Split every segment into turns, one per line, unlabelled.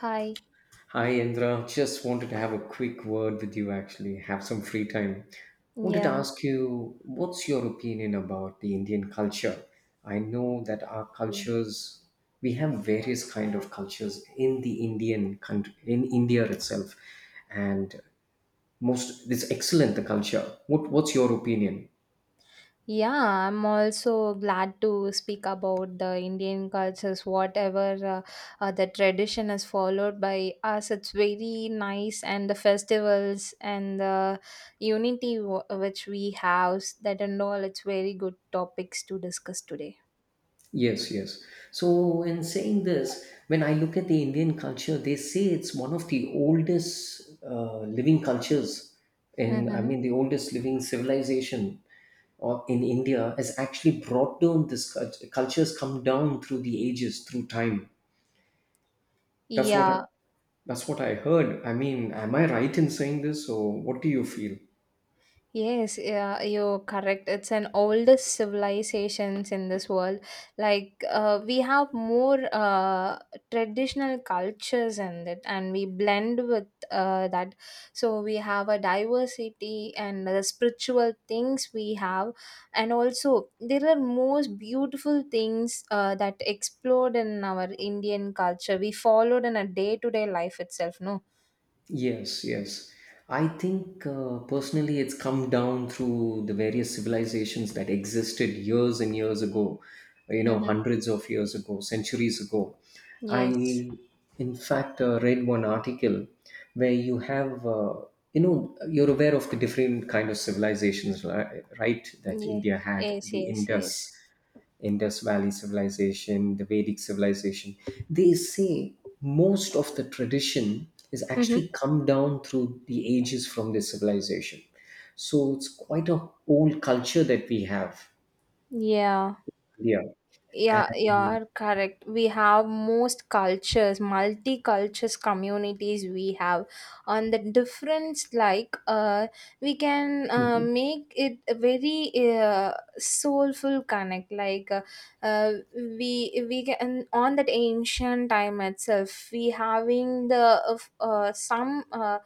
Hi.
Hi, Indra. Just wanted to have a quick word with you actually, have some free time. Wanted to
Yeah.
ask you, what's your opinion about the Indian culture? I know that our
Okay.
cultures, we have various kind of cultures in the Indian country, in India itself, and most it's excellent the culture. What's your opinion?
Yeah, I'm also glad to speak about the Indian cultures, whatever the tradition is followed by us. It's very nice, and the festivals and the unity which we have, that and all, it's very good topics to discuss today.
Yes, yes. So, in saying this, when I look at the Indian culture, they say it's one of the oldest living cultures, and I
Mm-hmm.
mean the oldest living civilization in India has actually brought down this culture. Cultures come down through the ages, through time. That's what I,
Yeah.
that's what I heard. I mean, am I right in saying this, or what do you feel?
Yes, yeah, you're correct. It's an oldest civilizations in this world. Like we have more traditional cultures in it, and we blend with that. So we have a diversity and the spiritual things we have, and also there are most beautiful things that explode in our Indian culture. We followed in a day to day life itself. No.
Yes, yes. I think personally it's come down through the various civilizations that existed years and years ago,
Mm-hmm.
hundreds of years ago, centuries ago. I,
Yes.
in fact, read one article where you have, you're aware of the different kind of civilizations, right, that
Yes.
India had,
Yes.
the
Yes. Yes.
Indus Valley civilization, the Vedic civilization. They say most of the tradition is
mm
actually come down through the ages from this civilization. So it's quite a old culture that we have.
Yeah,
Yeah.
yeah,
And
you're correct. We have most cultures, multi cultures communities we have. On the difference, like, we can make it a very soulful connect. Like, we can on that ancient time itself, we having the of, some. Uh,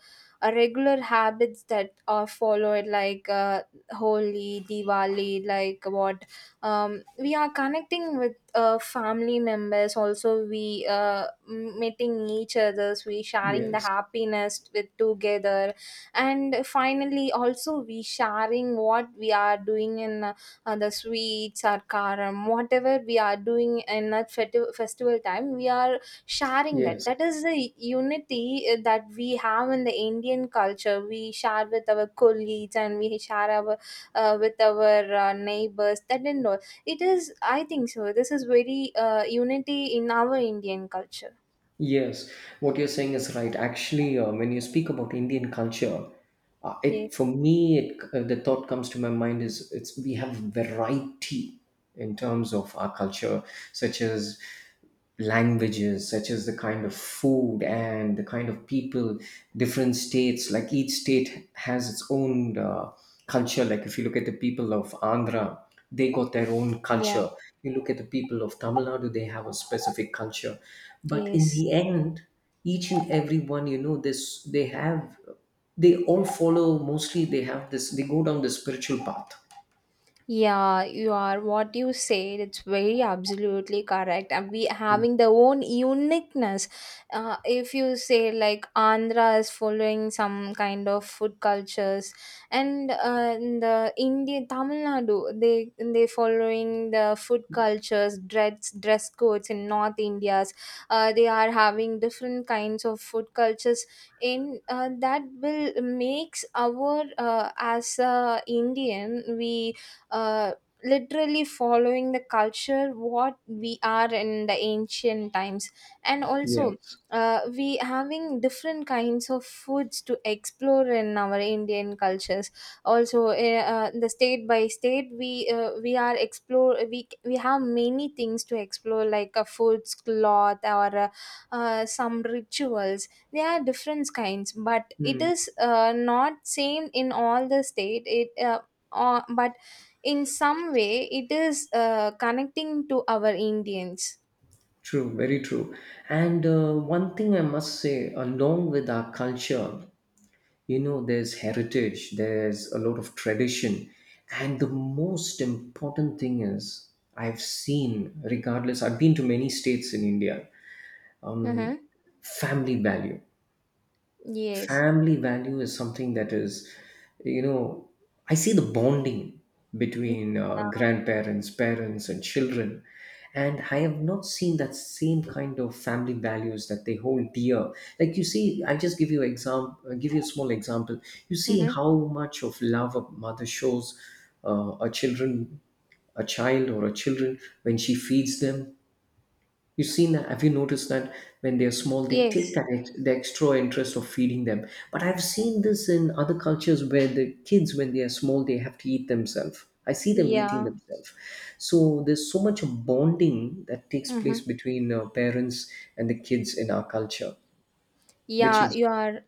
uh, Regular habits that are followed like holy diwali like what we are connecting with family members also we meeting each others we sharing the
yes,
happiness with together and finally also we sharing what we are doing in the sweets or karam whatever we are doing in that festival time we are sharing that
yes.
that is the unity that we have in the Indian culture. We share with our colleagues and we share our with our neighbors, that and all. It is, I think so, this is very unity in our Indian culture.
Yes, what you're saying is right. Actually, when you speak about Indian culture,
Yes.
it for me, the thought comes to my mind is it's we have variety in terms of our culture, such as languages, such as the kind of food and the kind of people, different states. Like each state has its own culture. Like if you look at the people of Andhra, they got their own
Yeah.
culture. You look at the people of Tamil Nadu, they have a specific culture. But in
Yes.
the end, each and every one, you know, this they have they all follow mostly they have this they go down the spiritual path.
Yeah, you are what you said. It's very absolutely correct. And we having their own uniqueness. If you say like Andhra is following some kind of food cultures, and in the India Tamil Nadu they following the food cultures, dress codes in North India's. They are having different kinds of food cultures in that will makes our as a Indian we uh, literally following the culture what we are in the ancient times and also
Yes.
we having different kinds of foods to explore in our Indian cultures, also the state by state we are explore we have many things to explore like a foods cloth or some rituals. There are different kinds, but it
Mm,
is not same in all the state it but in some way it is connecting to our Indians.
true, very true. And one thing I must say, along with our culture, there's heritage, there's a lot of tradition. And the most important thing is, I've seen, regardless, I've been to many states in India, um,
Mm-hmm.
family value.
Yes.
Family value is something that is, you know, I see the bonding between
Yeah.
grandparents, parents, and children. And I have not seen that same kind of family values that they hold dear. Like you see, I just give you a small example. You see
Mm-hmm.
how much of love a mother shows uh, a children, a child or a children when she feeds them. You've seen that? Have you noticed that when they're small, they take
Yes.
that the extra interest of feeding them? But I've seen this in other cultures where the kids, when they are small, they have to eat themselves. I see them eating
Yeah.
themselves. So there's so much bonding that takes
Mm-hmm.
place between parents and the kids in our culture, which
Yeah,
is,
you are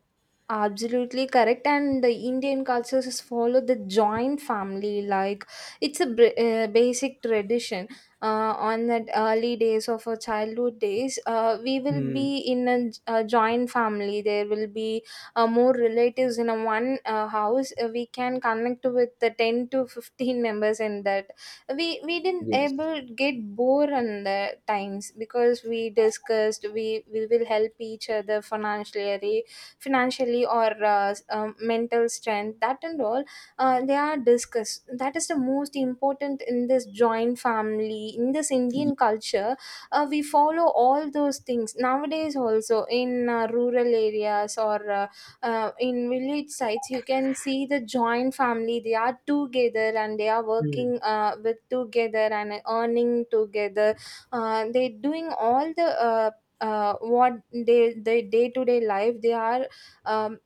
absolutely correct, and the Indian cultures has followed the joint family like it's a basic tradition. On that early days of our childhood days, we will
mm,
be in a, a joint family. There will be more relatives in a one house. We can connect with the 10 to 15 members in that. We didn't
yes,
able get bored on the times because we discussed. We will help each other financially, or mental strength, that and all they are discussed. That is the most important in this joint family in this
Ye-
Indian culture. We follow all those things nowadays also in rural areas or in village sites. You can see the joint family they are together and they are
Mm,
working with together and earning together. They doing all the what they day to day life they are um,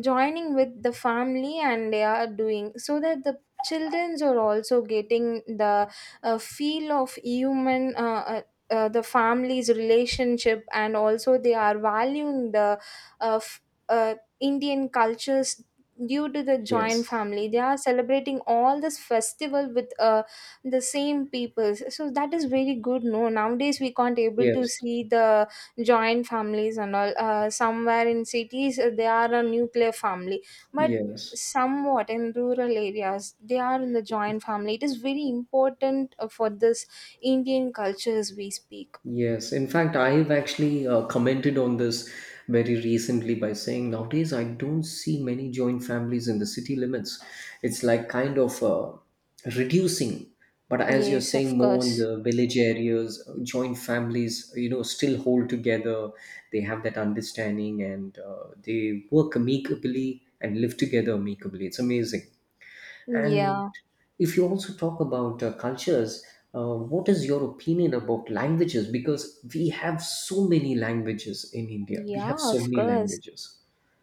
joining with the family and they are doing so that the childrens are also getting the feel of human the family's relationship, and also they are valuing the uh, f- uh, Indian cultures. Due to the joint
yes,
family they are celebrating all this festival with the same people, so that is very good, no. Nowadays we can't able to
yes,
see the joint families and all somewhere in cities they are a nuclear family, but
yes.
somewhat in rural areas they are in the joint family. It is very important for this Indian cultures we speak.
Yes, in fact, I've actually commented on this very recently by saying nowadays I don't see many joint families in the city limits. It's like kind of reducing, but as you're
Yes, of
saying, more in
course.
the village areas, joint families, still hold together. They have that understanding and they work amicably and live together amicably. It's amazing. And
Yeah.
if you also talk about cultures, what is your opinion about languages? Because we have so many languages in India. We have
Yeah,
so
of
many
course.
languages.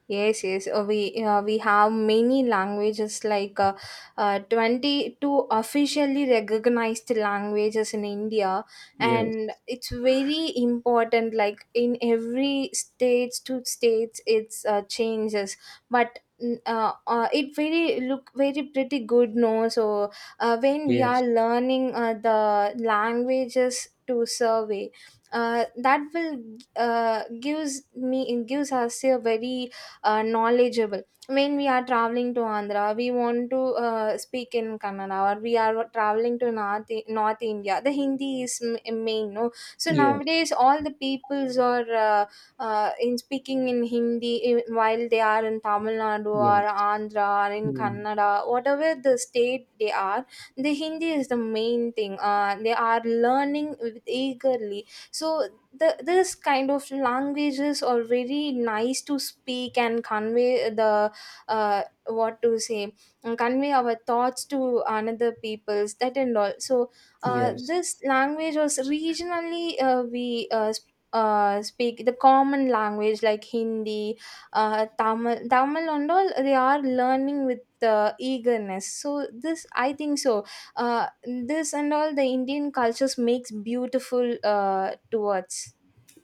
Yes, yes. We have many languages like 22 officially recognized languages in India,
Yes,
and it's very important like in every states to states it's changes, but it very look very pretty good, no. So when we
yes,
are learning the languages to survey, that will uh, gives me gives us a very knowledgeable. When we are traveling to Andhra, we want to speak in Kannada, or we are traveling to North, North India. The Hindi is main, no. So
yes,
nowadays, all the peoples are in speaking in Hindi, while they are in Tamil Nadu or
yes,
Andhra or in
mm,
Kannada, whatever the state they are, the Hindi is the main thing. They are learning with eagerly. So the this kind of languages are very nice to speak and convey the what to say and convey our thoughts to another peoples, that and all. So
yes.
this language was regionally speak the common language like Hindi, Tamil, and all they are learning with the eagerness. So this I think so. Uh, this and all the Indian cultures makes beautiful towards.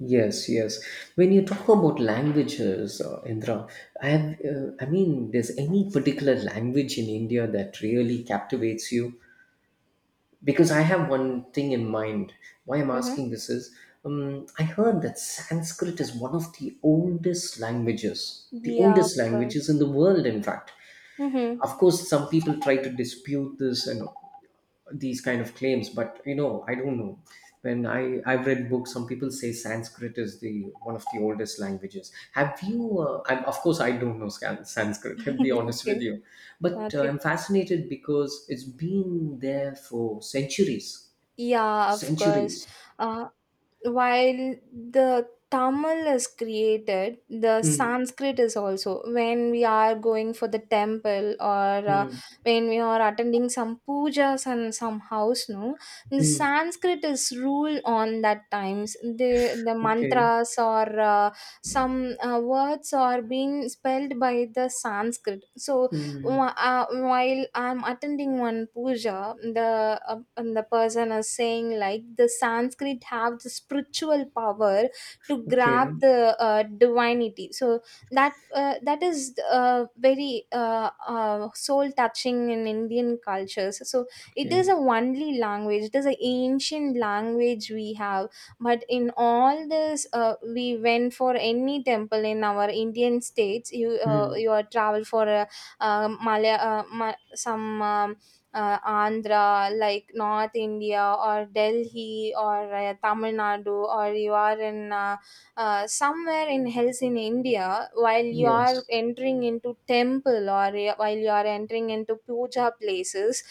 Yes, yes. When you talk about languages, Indra, I mean, there's any particular language in India that really captivates you? Because I have one thing in mind. Why I'm
Mm-hmm.
asking this is I heard that Sanskrit is one of the
Yeah, of
oldest languages
course.
in the world, in fact.
Mm-hmm.
Of course, some people try to dispute this and these kind of claims, but you know, I don't know. I've read books, some people say Sanskrit is the one of the oldest languages. Have you? Of course, I don't know Sanskrit. I'll be honest with
Okay.
you, but
Okay.
I'm fascinated because it's been there for centuries
Yeah, of course.
centuries.
Uh, while the Tamil is created, the
Mm,
Sanskrit is also. When we are going for the temple or
mm,
when we are attending some pujas and some house, no, the
mm.
Sanskrit is rule on that times. The
Okay.
mantras or some words are being spelled by the Sanskrit. So
Mm,
While I'm attending one puja, the and the person is saying like the Sanskrit have the spiritual power to grab
okay.
the divinity. So that that is very soul touching in Indian cultures. So it is
Okay.
a only language, it is an ancient language we have. But in all this we went for any temple in our Indian states, you
Mm,
you are travel for a Malay, some Andhra, like North India or Delhi or Tamil Nadu, or you are in somewhere in hills in India, while you are
yes.
entering into temple or while you are entering into puja places,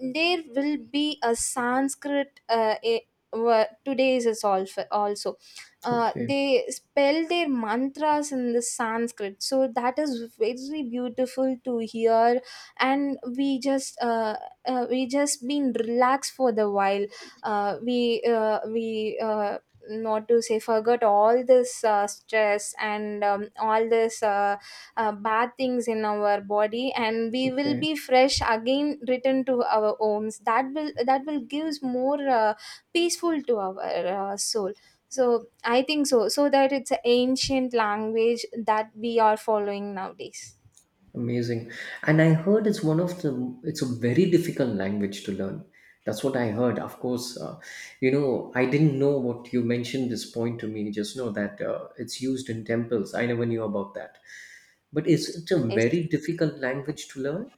there will be a Sanskrit. Today is also
Okay.
they spell their mantras in the Sanskrit. So that is very beautiful to hear, and we just been relaxed for the while. We not to say forgot all this stress and all this bad things in our body, and we will
Okay.
be fresh again return to our homes. That will gives more peaceful to our soul, so I think so. So that it's an ancient language that we are following nowadays.
Amazing. And I heard it's one of the, it's a very difficult language to learn. That's what I heard. Of course, I didn't know what you mentioned this point to me just know that it's used in temples. I never knew about that. But is it a
Yes.
very difficult language to learn?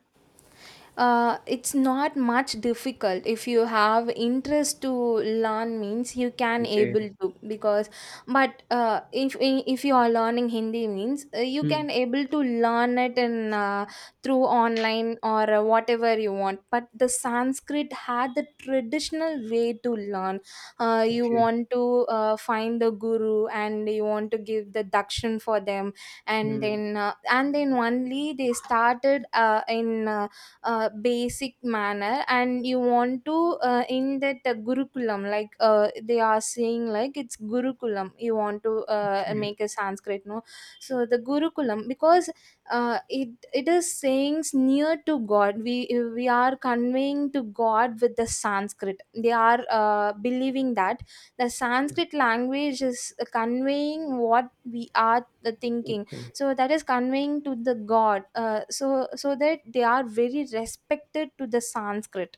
Uh, it's not much difficult. If you have interest to learn means you can able
Okay.
to, because but if you are learning Hindi means you
Hmm.
can able to learn it in through online or whatever you want, but the Sanskrit had the traditional way to learn. You
Okay.
want to find the guru, and you want to give the dakshin for them,
Hmm.
and then only they started in basic manner, and you want to in that gurukulam, like they are saying like it's gurukulam you want to
Okay.
make a Sanskrit, no. So the gurukulam, because it is sayings near to god. We are conveying to god with the Sanskrit. They are believing that the
Okay.
Sanskrit language is conveying what we are thinking.
Okay.
So that is conveying to the god, so so that they are very respected to the Sanskrit.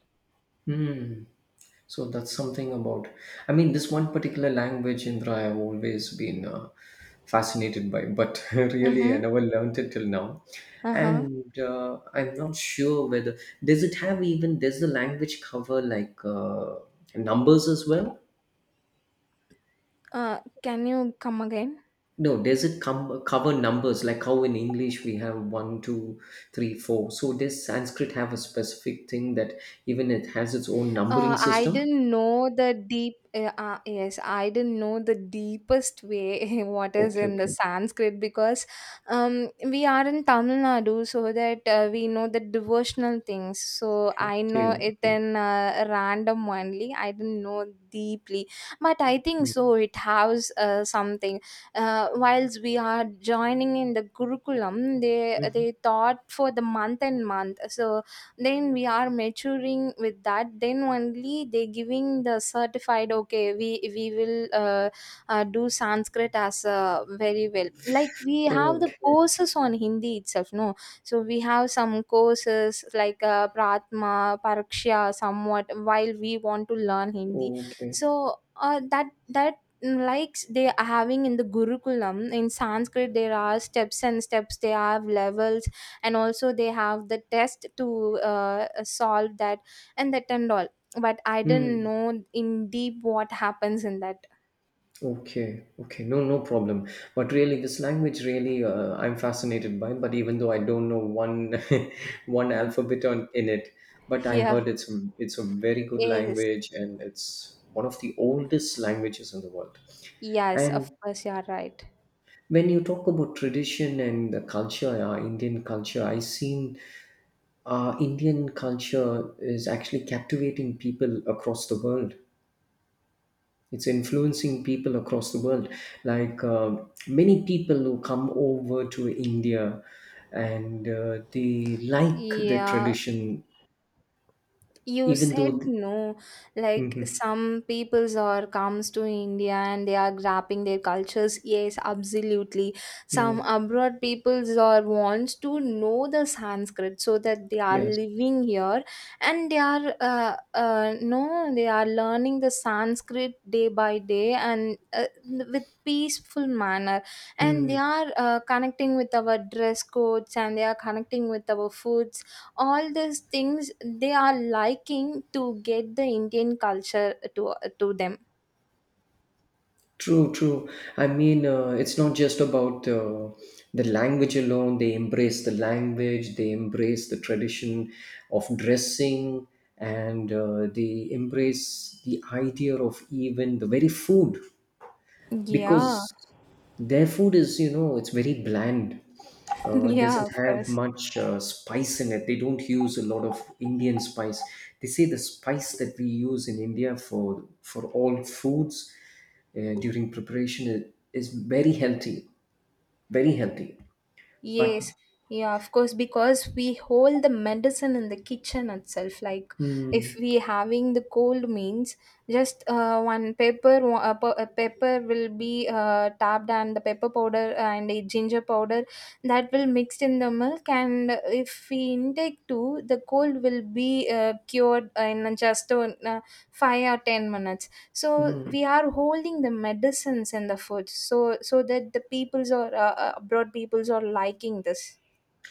Hmm. So that's something about. I mean, this one particular language, Indra, I've always been fascinated by, but really, I
Mm-hmm.
never learnt it till now.
Uh-huh.
And I'm not sure whether does it have even does the language cover like numbers as well?
Uh, can you come again?
No, does it come cover numbers like how in English we have one, two, three, four? So does Sanskrit have a specific thing that even it has its own numbering
I
system?
didn't know the deep. Yes, I didn't know the deepest way what is
Okay,
in the
okay,
Sanskrit, because we are in Tamil Nadu, so that we know the devotional things. So
okay,
I know
okay.
it
Okay.
in random only. I didn't know deeply, but I think
Hmm.
so. It has something. Whilst we are joining in the Gurukulam, they
Mhm.
they taught for the month and month. So then we are maturing with that, then only they giving the certified, okay, we we will do Sanskrit as very well. Like, we have the
Okay,
courses on Hindi itself, no? So we have some courses like pratma paraksha somewhat, while we want to learn Hindi.
okay.
So uh, that that like they are having in the Gurukulam, in Sanskrit there are steps and steps, they have levels, and also they have the test to solve that and that and all. But I didn't
Hmm.
know in deep what happens in that.
Okay, okay. No, no problem. But really, this language really, I'm fascinated by. But even though I don't know one, one alphabet on in it, but I
Yeah.
heard it's a very good
Yes.
language and it's one of the oldest languages in the world.
Yes, of
And
course, you are right.
when you talk about tradition and the culture, Indian culture, I seen Indian culture is actually captivating people across the world. It's influencing people across the world, like many people who come over to India and they like the
Yeah.
tradition
You
even though
said, no. Like
Mhm.
some peoples are comes to India and they are grabbing their cultures. Yes, absolutely. Some
Mm,
abroad peoples are wants to know the Sanskrit, so that they are
yes.
living here, and they are no, they are learning the Sanskrit day by day, and with peaceful manner, and they
Mm,
are connecting with our dress codes, and they are connecting with our foods. All these things, they are liking to get the Indian culture to to them.
true true. I mean it's not just about the language alone. They embrace the language, they embrace the tradition of dressing, and they embrace the idea of even the very food,
Yeah.
because their food is, you know, it's very bland. It
Yeah,
doesn't
of
have
course.
much spice in it. They don't use a lot of Indian spice. They say the spice that we use in India for all foods during preparation is very healthy, very healthy, but
Yes. Yeah, of course, because we hold the medicine in the kitchen itself. Like, if
mm,
we having the cold means, just one pepper, a pepper will be tapped, and the pepper powder and a ginger powder, that will mixed in the milk. And if we intake too, the cold will be cured in just 5 or 10 minutes. So
mm.
we are holding the medicines and the food, so that the peoples or abroad peoples are liking this.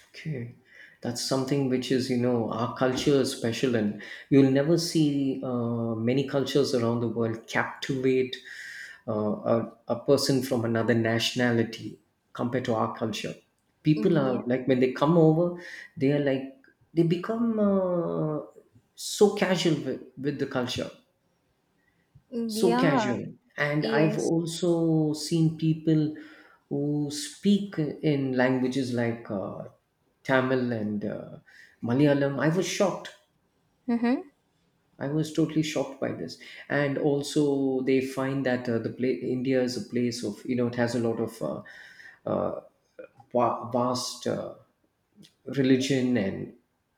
Okay, that's something which is, you know, our culture is special, and you'll never see many cultures around the world captivate uh, a person from another nationality compared to our culture. People
Yeah.
are like, when they come over, they are like, they become so casual with the culture, so
Yeah.
casual. And I've
Yes.
also seen people who speak in languages like Tamil and Malayalam. I was shocked.
Mm-hmm.
I was totally shocked by this. And also they find that the India is a place of, you know, it has a lot of uh, vast religion and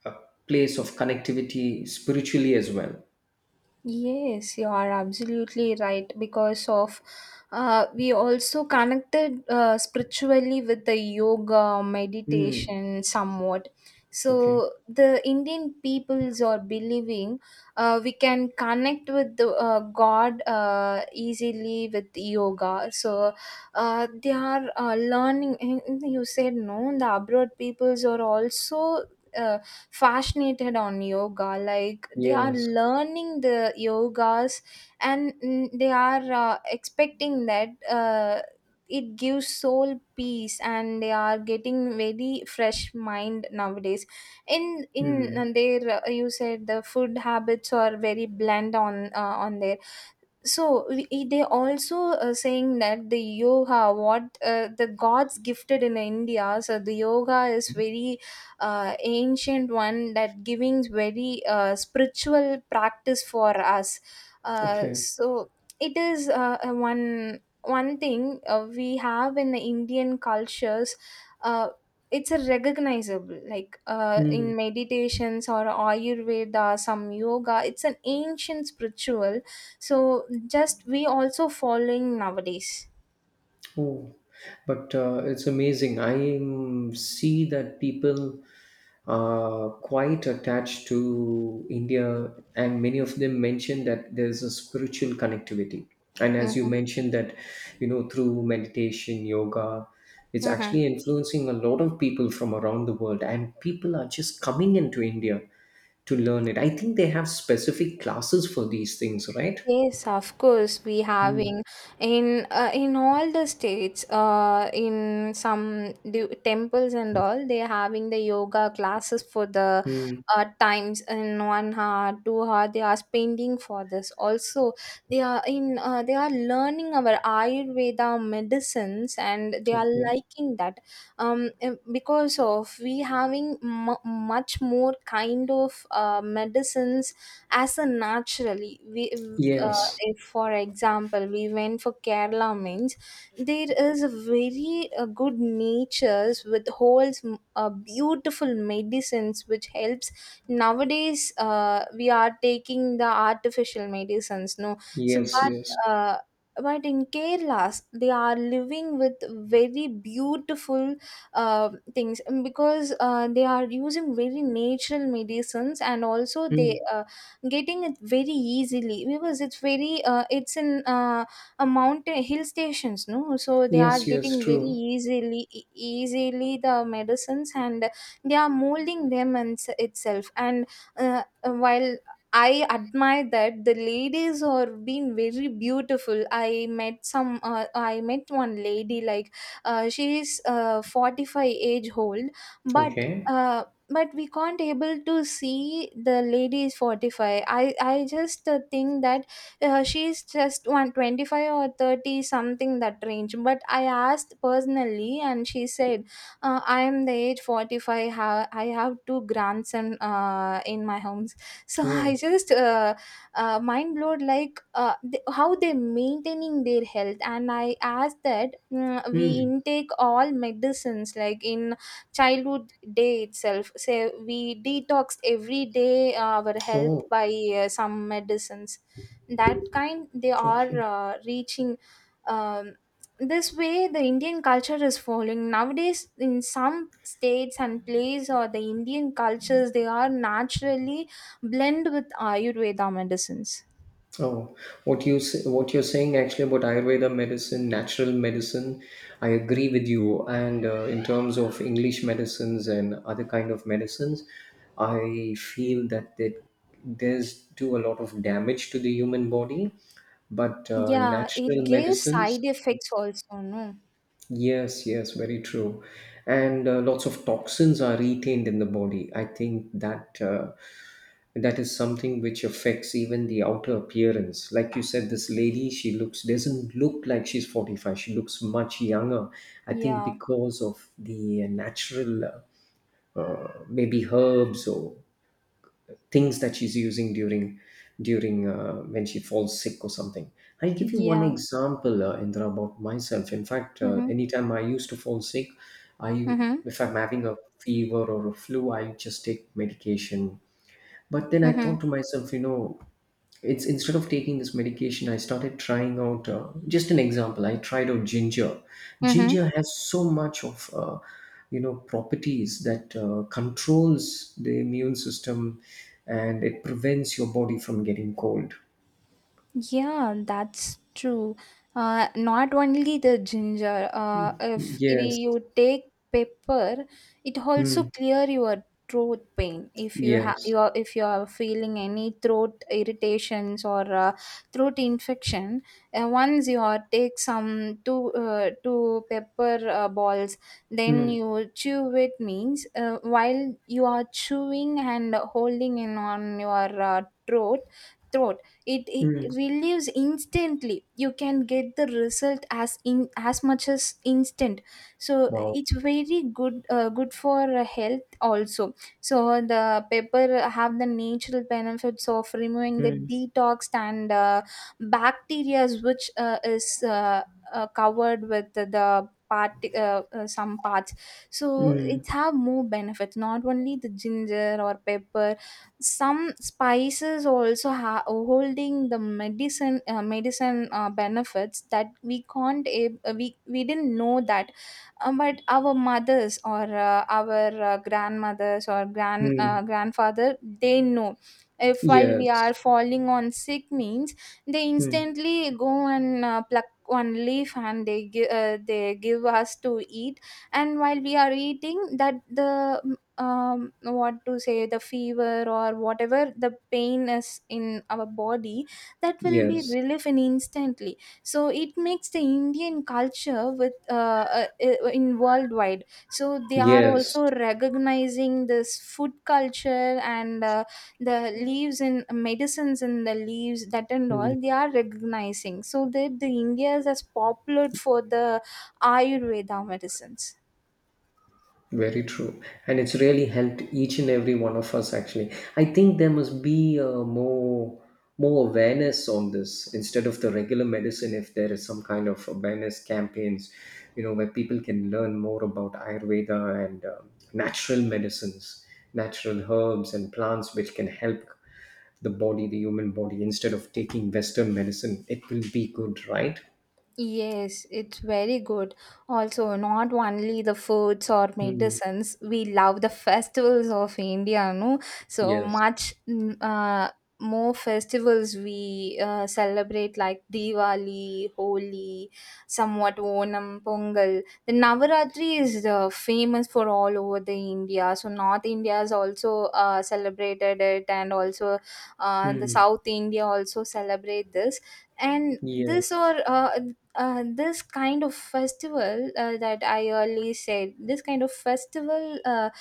a place of connectivity spiritually as well.
Yes, you are absolutely right, because of we also connected spiritually with the yoga
Hmm.
meditation somewhat.
Okay.
So the Indian peoples are believing we can connect with the God easily with yoga. So they are learning. And you said, no, the abroad peoples are also. Uh, Fascinated on yoga, like they are
Yes.
learning the yogas. And they are expecting that it gives soul peace, and they are getting very fresh mind nowadays in
Hmm.
their you said the food habits are very bland on their. So they also saying that the yoga what the gods gifted in India, so the yoga is very ancient one that giving very spiritual practice for us. uh,
Okay.
so it is one thing we have in the Indian cultures. uh, it's a recognizable like
Hmm.
in meditations or ayurveda, some yoga, it's an ancient spiritual. So just we also following nowadays.
Oh, but it's amazing. I see that people are quite attached to India, and many of them mention that there's a spiritual connectivity. And as you
Mm-hmm.
mentioned, that you know, through meditation, yoga, it's
Mm-hmm.
actually influencing a lot of people from around the world, and people are just coming into India to learn it. I think they have specific classes for these things, right?
Yes, of course, we having in all the states, in some temples and all, they having the yoga classes for the
Mm-hmm.
times in 1 hour, 2 hour. They are spending for this. Also, they are learning our Ayurveda medicines, and they are
Okay.
liking that. Because of we having mu much more kind of medicines as a naturally we.
Yes,
If for example we went for Kerala means, there is a very good natures with holds beautiful medicines which helps. Nowadays we are taking the artificial medicines, no? So
yes, yes.
uh, but in Kerala, they are living with very beautiful uh, things, because they are using very natural medicines, and also they
Mm.
getting it very easily because it's very it's in a mountain hill stations, no? So they are
Yes, yes,
getting very
true.
easily easily the medicines, and they are molding them and itself. And while I admire that the ladies are being very beautiful. I met some. I met one lady, like she is 45 age old, but.
Okay.
Uh, but we can't able to see the lady is 45. I just think that she's just 125 or 30 something, that range. But I asked personally, and she said, I am the age 45. I have two grandson in my homes. So I
Oh.
just mind blowed, like how they maintaining their health. And I asked that, we
Mm.
intake all medicines like in childhood day itself, say we detoxed every day our health
Oh.
by some medicines, that kind they are
Okay.
reaching. um, this way the Indian culture is following nowadays in some states and places, or the Indian cultures, they are naturally blend with Ayurveda medicines.
Oh, what you say, what you're saying actually about Ayurveda medicine, natural medicine, I agree with you. And in terms of English medicines and other kind of medicines, I feel that they there's do a lot of damage to the human body, but
Yeah, it
natural
gives side
medicines.
effects also, no?
Yes, yes, very true. And lots of toxins are retained in the body. I think that that is something which affects even the outer appearance. Like you said, this lady, she looks doesn't look like she's 45. She looks much younger. I think
Yeah.
because of the natural maybe herbs or things that she's using during when she falls sick or something. I'll give you one
Yeah.
example, Indra, about myself. In fact,
Mm-hmm.
anytime I used to fall sick, I
Mm-hmm.
if I'm having a fever or a flu, I just take medication. But then I
Mm-hmm.
thought to myself, you know, it's instead of taking this medication, I started trying out just an example. I tried out ginger.
Mm-hmm.
Ginger has so much of you know properties that controls the immune system and it prevents your body from getting cold.
Yeah, that's true. Not only the ginger, if
Yes.
you take pepper, it also
Mm.
clear your throat pain. If you have
Yes.
you are, If you are feeling any throat irritations or throat infection, once you are take some two pepper balls, then
Mm.
you chew it means. While you are chewing and holding in on your throat, it
Mm.
relieves instantly, you can get the result as in as much as instant. So
Wow.
it's very good good for health also. So the pepper have the natural benefits of removing the
Mm.
detox and bacteria which is covered with the part some parts. So it
Mm.
have more benefits, not only the ginger or pepper, some spices also holding the medicine benefits that we can't we didn't know that. But our mothers or our grandmothers or
Mm.
grandfather, they know, if while we are
Yes.
falling on sick means, they
Mm.
instantly go and pluck one leaf and they give us to eat. And while we are eating that, the um what to say, the fever or whatever the pain is in our body, that will be
Yes.
relief in instantly. So it makes the Indian culture with in worldwide. So they are
Yes.
also recognizing this food culture and the leaves and medicines and the leaves that and all,
Mm.
they are recognizing. So that the India is as popular for the Ayurveda medicines.
Very true. And it's really helped each and every one of us actually. I think there must be more awareness on this instead of the regular medicine if there is some kind of awareness campaigns, you know, where people can learn more about Ayurveda and natural medicines, natural herbs and plants which can help the body, the human body instead of taking western medicine. It will be good, right?
Yes, it's very good. Also, not only the foods or
Mm.
medicines, we love the festivals of India, no? So
Yes.
much, more festivals we celebrate, like Diwali, Holi, somewhat Onam, Pongal. The Navaratri is famous for all over the India. So North India is also celebrated it, and also the
Mm.
South India also celebrate this, and this
Yes.
or this kind of festival that I early said. This kind of festival uh,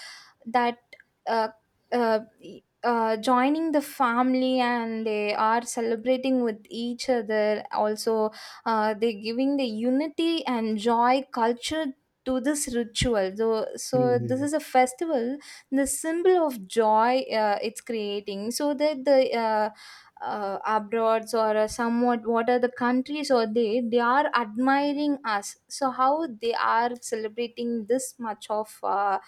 that uh, joining the family, and they are celebrating with each other. Also, they giving the unity and joy culture to this ritual. So, this
Mhm.
is a festival, the symbol of joy it's creating. So that the abroad or somewhat what are the countries, or they are admiring us. So how they are celebrating this much of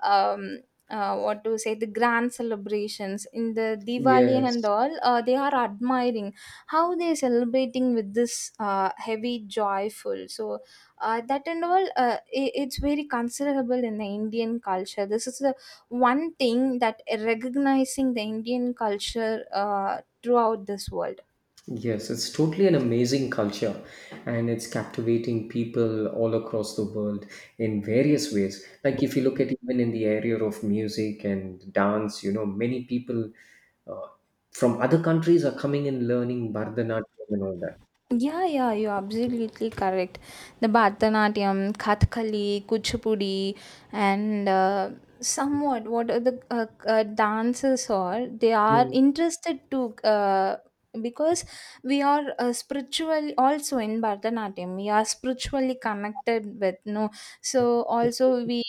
um, what to say, the grand celebrations in the Diwali and
Yes.
all, they are admiring how they are celebrating with this heavy joyful. So that and all, it's very considerable in the Indian culture. This is the one thing that recognizing the Indian culture throughout this world.
Yes, it's totally an amazing culture and it's captivating people all across the world in various ways. Like, if you look at even in the area of music and dance, you know, many people uh, from other countries are coming and learning Bharatanatyam and all that.
Yeah, yeah, you're absolutely correct. The Bharatanatyam, Kathakali, Kuchipudi, and somewhat what are the dances are, they are
Hmm.
interested to. Because we are spiritually also in Bharatanatyam, we are spiritually connected with, no? So also we.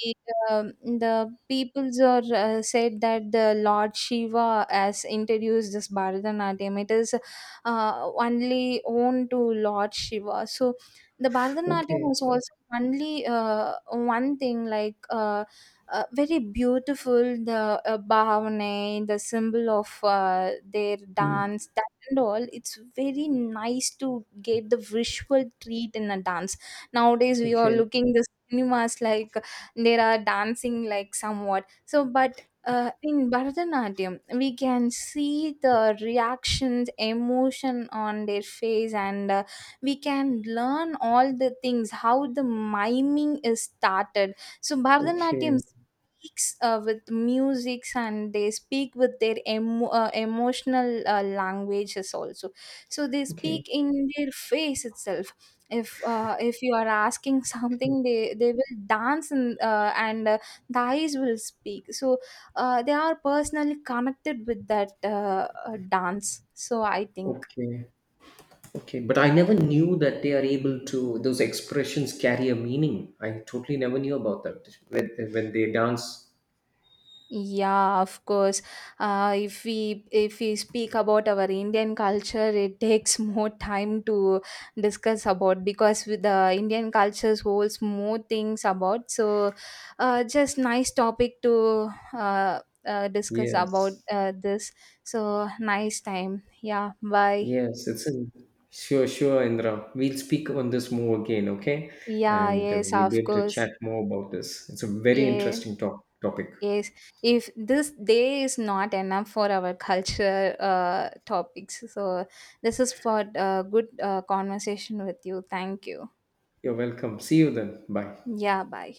The peoples are said that the Lord Shiva has introduced this Bharatanatyam. It is only owned to Lord Shiva. So the Bharatanatyam
Okay.
is also only one thing like very beautiful the bhavane, the symbol of their
Hmm.
dance. That and all, it's very nice to get the visual treat in a dance. Nowadays we are
Okay.
looking the cinemas, like there are dancing like somewhat. So but in Bharatanatyam, we can see the reactions, emotion on their face, and we can learn all the things how the miming is started. So, Bharatanatyam
Okay.
speaks with musics, and they speak with their emotional languages also. So, they
Okay.
speak in their face itself. If you are asking something, they will dance and the eyes will speak. So they are personally connected with that dance, so I think.
Okay. Okay. But I never knew that they are able to, those expressions carry a meaning. I totally never knew about that when they dance.
Yeah, of course. If we if we speak about our Indian culture, it takes more time to discuss about, because with the Indian cultures holds more things about. So just nice topic to uh, discuss about
Yes,
this. So nice time, yeah, bye.
yes, it's in sure, sure, Indra. We'll speak on this more again, okay?
Yeah,
And
yes,
we'll be
of
able to
course.
chat more about this. It's a very
Yes.
interesting topic.
Yes, if this day is not enough for our culture topics, so this is for good conversation with you. Thank you.
You're welcome. See you then. Bye.
Yeah, bye.